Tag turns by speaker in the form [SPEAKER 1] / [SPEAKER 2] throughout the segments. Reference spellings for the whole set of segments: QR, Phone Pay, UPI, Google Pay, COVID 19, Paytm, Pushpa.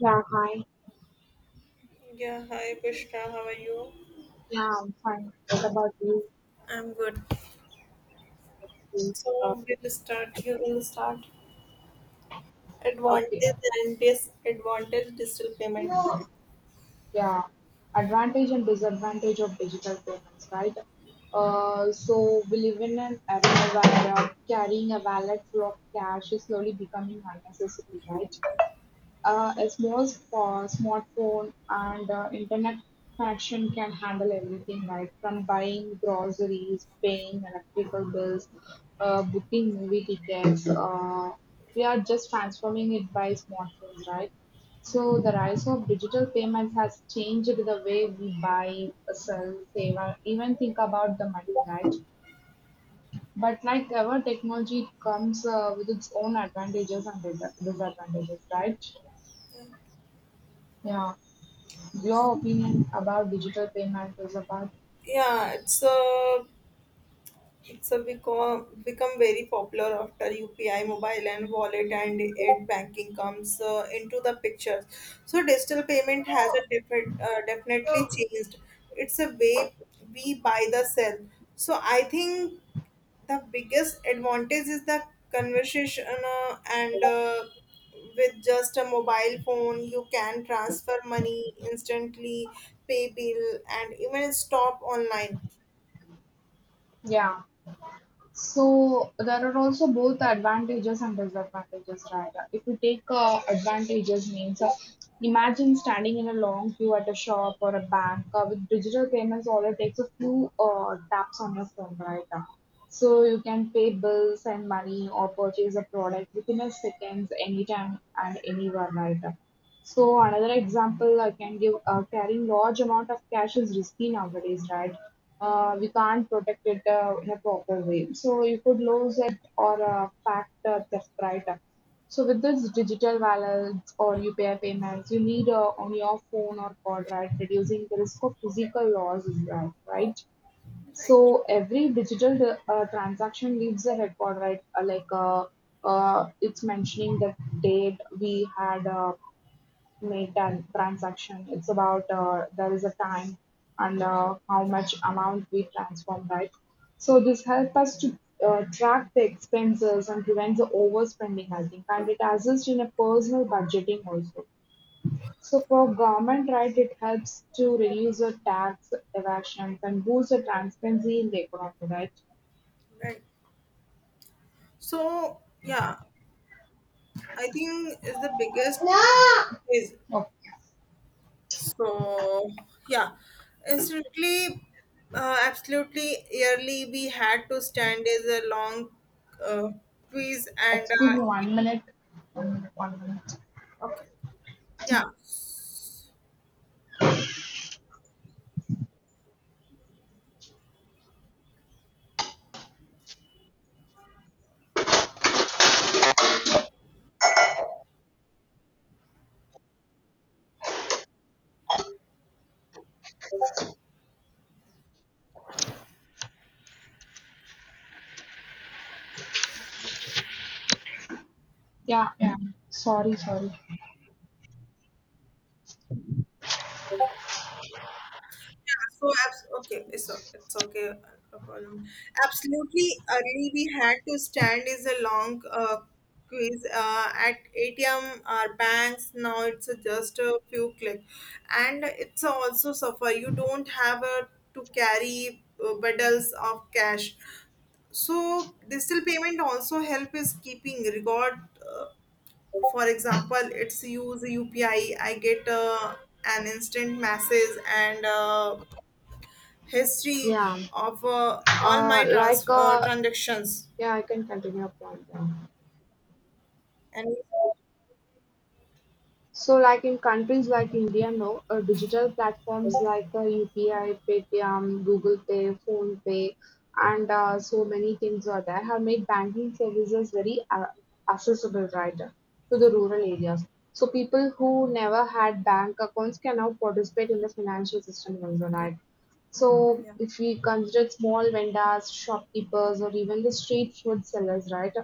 [SPEAKER 1] Yeah, hi.
[SPEAKER 2] Yeah, hi Pushpa, how are you?
[SPEAKER 1] Yeah, I'm fine. What about you?
[SPEAKER 2] I'm good.
[SPEAKER 1] You, Uh,
[SPEAKER 2] So we'll start. You will start.
[SPEAKER 1] okay.
[SPEAKER 2] Advantage and disadvantage digital payment.
[SPEAKER 1] Yeah. Advantage and disadvantage of digital payments, right? So we live in an era where carrying a wallet full of cash is slowly becoming unnecessary, right? A small smartphone and internet connection can handle everything, right? From buying groceries, paying electrical bills, booking movie tickets. We are just transforming it by smartphones, right? So the rise of digital payments has changed the way we buy, sell, save, or even think about the money, right? But like ever, technology comes with its own advantages and disadvantages, right? Yeah. Your opinion about digital payment is about
[SPEAKER 2] Yeah, it's a become very popular after UPI, mobile and wallet and aid banking comes into the picture. So digital payment has a different definitely changed. It's a way we buy the sell. So I think the biggest advantage is the conversation and with just a mobile phone you can transfer money instantly pay bill and even stop online
[SPEAKER 1] yeah. So there are also both advantages and disadvantages, right? If you take advantages, means imagine standing in a long queue at a shop or a bank with digital payments. All it takes a few taps on your phone, right? So you can pay bills, send money, or purchase a product within a seconds, anytime and anywhere, right? So another example I can give, carrying large amount of cash is risky nowadays, right? Uh, we can't protect it in a proper way. So you could lose it or fact theft, right? So with this digital wallets or UPI payments, you need on your phone or card, right? Reducing the risk of physical loss, right? So every digital transaction leaves a record, right? It's mentioning the date we had. Make that transaction. It's about there is a time and how much amount we transform, right? So this helps us to track the expenses and prevents the overspending, I think, and it assists in a personal budgeting also. So for government, right, it helps to reduce the tax evasions and boost the transparency in the economy, right?
[SPEAKER 2] right so yeah I think is the biggest advantage. So yeah instantly absolutely yearly we had to stand is a long uh, quiz and
[SPEAKER 1] Excuse me 1 minute. 1 minute. 1 minute.
[SPEAKER 2] okay yeah.
[SPEAKER 1] Yeah, yeah. Sorry, sorry.
[SPEAKER 2] So, okay, it's okay. No problem. Absolutely, early we had to stand is a long quiz at ATM or banks. Now it's a just a few clicks, and it's also suffer. You don't have a, to carry bundles of cash. So digital payment also help is keeping record. For example it's use upi I get an instant message and history
[SPEAKER 1] Yeah.
[SPEAKER 2] of all my
[SPEAKER 1] Uh, like uh,
[SPEAKER 2] transactions
[SPEAKER 1] yeah, I can continue upon that.
[SPEAKER 2] and
[SPEAKER 1] So, like in countries like India, no, digital platforms like UPI, Paytm, Google Pay, Phone Pay, and so many things are there have made banking services very accessible, right, to the rural areas. So, people who never had bank accounts can now participate in the financial system also, right? So if we consider small vendors, shopkeepers, or even the street food sellers, right,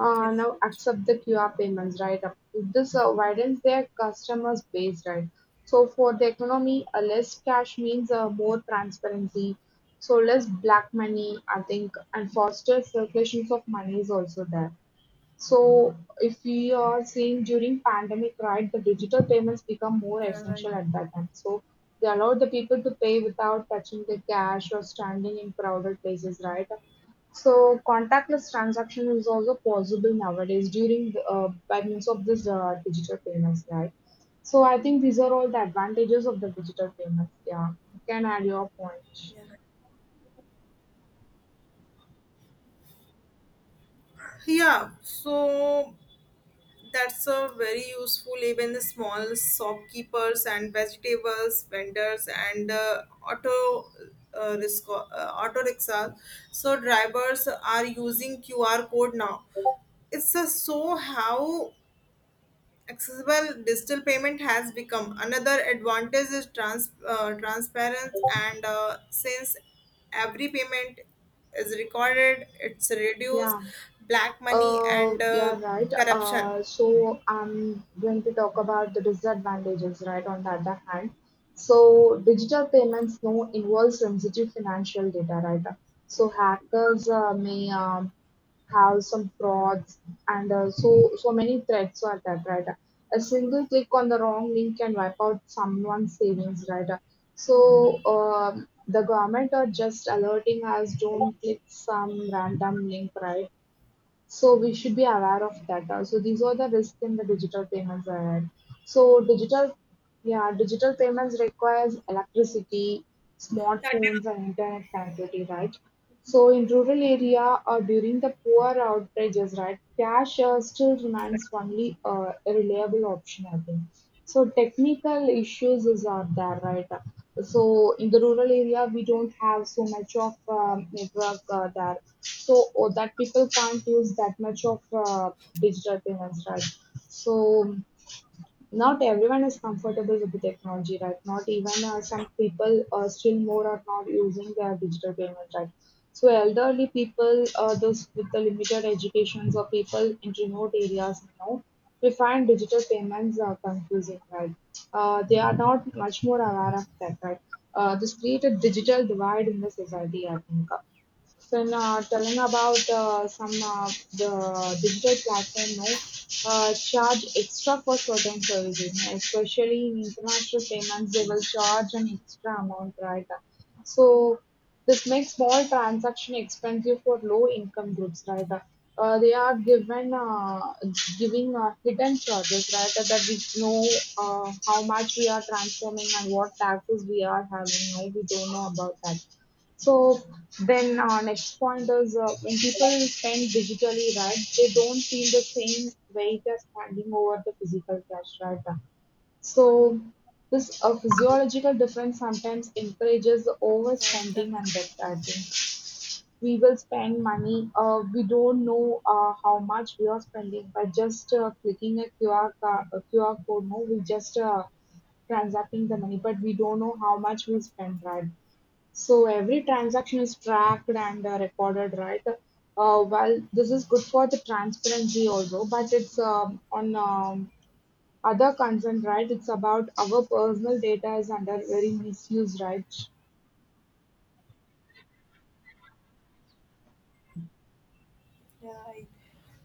[SPEAKER 1] now accept the QR payments, right? This widens their customers base, right? So for the economy, a less cash means more transparency, so less black money, I think, and faster circulations of money is also there. So if we are seeing during pandemic, right, the digital payments become more essential at that time. So they allowed the people to pay without touching the cash or standing in crowded places, right? So contactless transaction is also possible nowadays during the, by means of this digital payments, right? So I think these are all the advantages of the digital payments. Yeah, you can add your point.
[SPEAKER 2] yeah so that's a very useful even the small shopkeepers and vegetables vendors and auto auto rickshaws so drivers are using qr code now it's a so how accessible digital payment has become. Another advantage is transparency and since every payment is recorded, it's reduce
[SPEAKER 1] Yeah.
[SPEAKER 2] black money and
[SPEAKER 1] Yeah, right. Uh,
[SPEAKER 2] corruption.
[SPEAKER 1] so I'm going to talk about the disadvantages, right, on the other hand. So digital payments now involve sensitive financial data, right? So hackers may have some frauds and so many threats are that, right? A single click on the wrong link can wipe out someone's savings, right? So the government are just alerting us, don't click some random link, right? So we should be aware of that. So these are the risks in the digital payments ahead. So digital payments requires electricity, smartphones, and internet connectivity, right? So in rural area or during the poor outages, right, cash still remains only a reliable option, I think. So technical issues is are there, right? So in the rural area, we don't have so much of network there so oh, that people can't use that much of digital payments, right. So not everyone is comfortable with the technology, right. Not even some people still more are not using their digital payments, right. So elderly people, those with the limited educations or people in remote areas, you know, we find digital payments are confusing, right. Uh, they are not much more aware of that, right. Uh, this created digital divide in the society, I think. So now telling about some the digital platform now charge extra for certain services, you know, especially in international payments, they will charge an extra amount, right? So this makes small transaction expensive for low income groups, right? They are given giving hidden charges, right? That we know how much we are transforming and what taxes we are having. No, we don't know about that. So then next point is when people spend digitally, right, they don't feel the same weight as handing over the physical cash, right? So this physiological difference sometimes encourages the
[SPEAKER 2] Yeah, that.
[SPEAKER 1] overspending and debt. I think we will spend money. We don't know how much we are spending by just clicking a a QR code. No, we just transacting the money, but we don't know how much we spend, right? So every transaction is tracked and recorded, right? Well, this is good for the transparency also, but it's on other concern, right? It's about our personal data is under very misuse, right?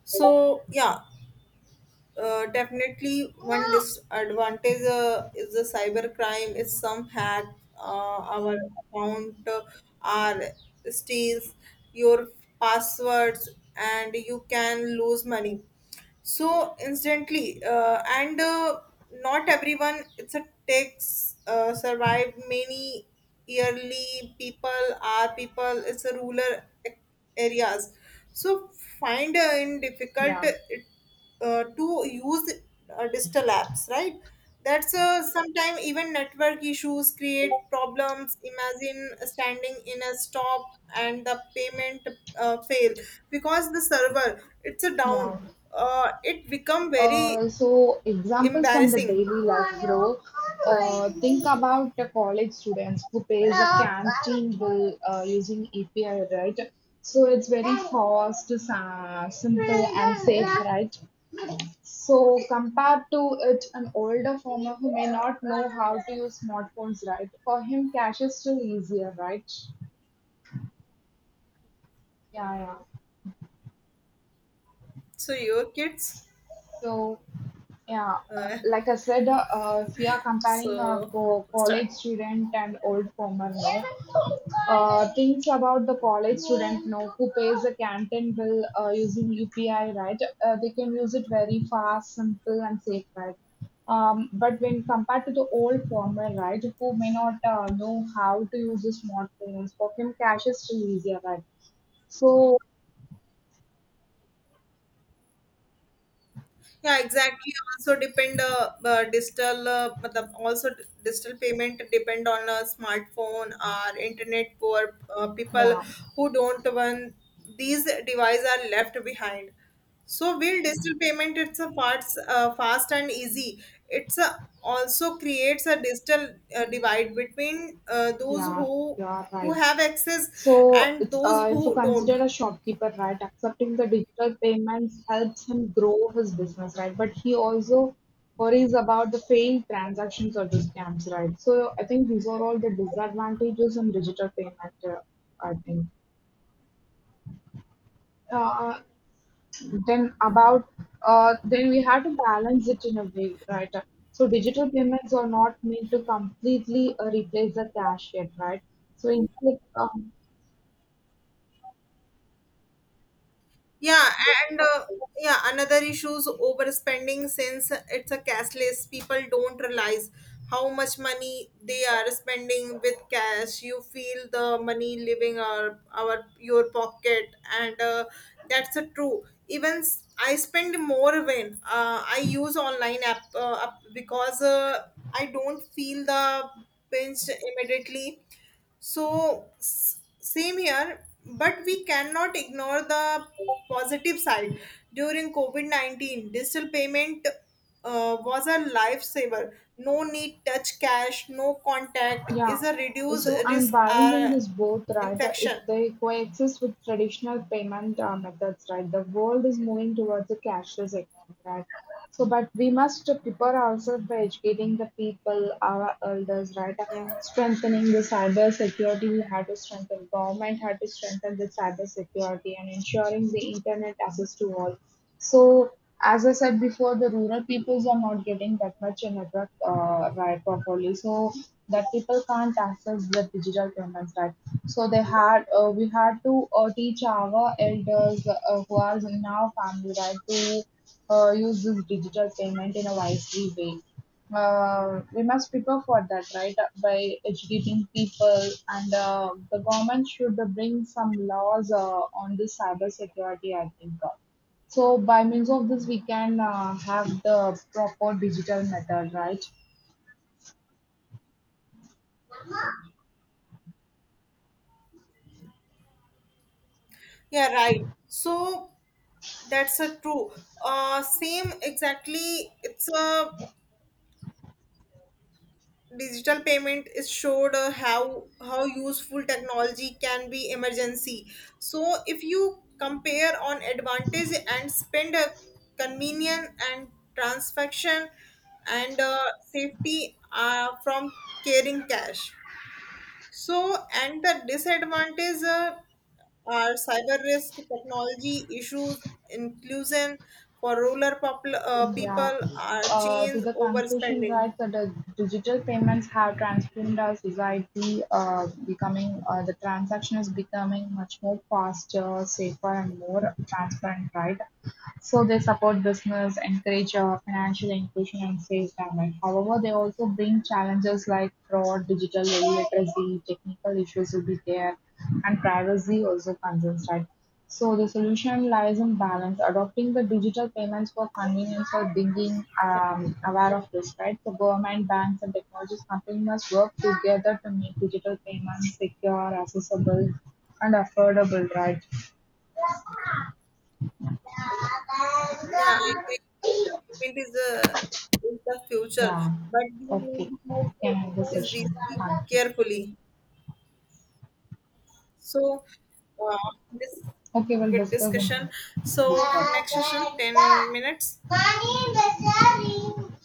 [SPEAKER 2] So yeah, definitely one disadvantage is the cyber crime is some hack our account are steals your passwords and you can lose money so instantly and not everyone it's a takes survive many yearly people are people it's a rural areas so find in difficult
[SPEAKER 1] Yeah,
[SPEAKER 2] it to use digital apps right that's sometimes even network issues create problems imagine standing in a stop and the payment fail because the server it's a
[SPEAKER 1] yeah.
[SPEAKER 2] down. It become very
[SPEAKER 1] So examples from the
[SPEAKER 2] embarrassing
[SPEAKER 1] daily life, bro. Think about the college students who pays a canteen bill using API, right? So it's very fast, simple, and safe, right? So compared to it an older farmer who may not know how to use smartphones, right? For him, cash is still easier, right? Yeah, yeah.
[SPEAKER 2] so your kids
[SPEAKER 1] So yeah,
[SPEAKER 2] uh,
[SPEAKER 1] like I said, if you are comparing a
[SPEAKER 2] so start
[SPEAKER 1] college student and old former, no, things about the college student, no, who pays a canteen bill using UPI, right? They can use it very fast, simple, and safe, right? But when compared to the old former, right, who may not know how to use the smartphones, for him, cash is still easier, right? So,
[SPEAKER 2] yeah exactly also depend digital matlab also digital payment depend on a smartphone or internet for people
[SPEAKER 1] yeah,
[SPEAKER 2] who don't want these devices are left behind so while digital payment it's a fast and easy it's a, also creates a digital divide between those
[SPEAKER 1] yeah,
[SPEAKER 2] who
[SPEAKER 1] you are right.
[SPEAKER 2] have access
[SPEAKER 1] So
[SPEAKER 2] and
[SPEAKER 1] it's
[SPEAKER 2] those
[SPEAKER 1] if you
[SPEAKER 2] who don't.
[SPEAKER 1] consider a shopkeeper, right, accepting the digital payments helps him grow his business, right? But he also worries about the failed transactions or the scams, right? So I think these are all the disadvantages in digital payment, I think. Uh, uh, then about then we have to balance it in a way, right? So digital payments are not meant to completely replace the cash yet, right? So instead,
[SPEAKER 2] Yeah, and yeah, another issue is overspending since it's a cashless. People don't realize how much money they are spending with cash. You feel the money leaving our your pocket, and that's a true. Even I spend more when I use online app because I don't feel the pinch immediately so, same here, but we cannot ignore the positive side. During COVID 19, digital payment was a lifesaver. No need touch cash, no contact is
[SPEAKER 1] yeah,
[SPEAKER 2] a reduced
[SPEAKER 1] so I'm
[SPEAKER 2] risk
[SPEAKER 1] balancing this both, right? If
[SPEAKER 2] infection.
[SPEAKER 1] they coexist with traditional payment methods, right? The world is moving towards a cashless economy, right? So, but we must prepare ourselves by educating the people, our elders, right?
[SPEAKER 2] Yeah.
[SPEAKER 1] Strengthening the cyber security, we had to strengthen government, had to strengthen the cyber security and ensuring the internet access to all. So, as I said before, the rural peoples are not getting that much a network right properly. So that people can't access the digital payments, right. So they had we had to teach our elders who are in our family, right, to use this digital payment in a wisely way. We must prepare for that, right, by educating people and the government should bring some laws on this cyber security, I think, uh. So by means of this, we can have the proper digital method, right?
[SPEAKER 2] Yeah, right. So, that's a true. Same exactly. It's a digital payment is showed how useful technology can be emergency so if you compare on advantage and spend a convenient and transaction and safety from carrying cash so and the disadvantage are cyber risk technology issues inclusion for rural
[SPEAKER 1] Yeah.
[SPEAKER 2] people are
[SPEAKER 1] To
[SPEAKER 2] change
[SPEAKER 1] the conclusion,
[SPEAKER 2] overspending.
[SPEAKER 1] right, that the digital payments have transformed our society, becoming the transaction is becoming much more faster, safer, and more transparent, right? So they support business, encourage financial inclusion and save government. However, they also bring challenges like fraud, digital illiteracy, technical issues will be there, and privacy also concerns, right? So the solution lies in balance, adopting the digital payments for convenience or being aware of this, right? So government, banks, and technologies companies must work together to make digital payments secure, accessible, and affordable, right?
[SPEAKER 2] Yeah, I agree. Digital payment is the future,
[SPEAKER 1] Yeah.
[SPEAKER 2] but we need
[SPEAKER 1] Okay.
[SPEAKER 2] to use
[SPEAKER 1] Can end the
[SPEAKER 2] is
[SPEAKER 1] session.
[SPEAKER 2] very
[SPEAKER 1] Thank.
[SPEAKER 2] carefully. So, this
[SPEAKER 1] Okay, we'll
[SPEAKER 2] good
[SPEAKER 1] discuss in
[SPEAKER 2] discussion. So next session, 10 minutes.
[SPEAKER 1] this
[SPEAKER 2] Okay.
[SPEAKER 1] part.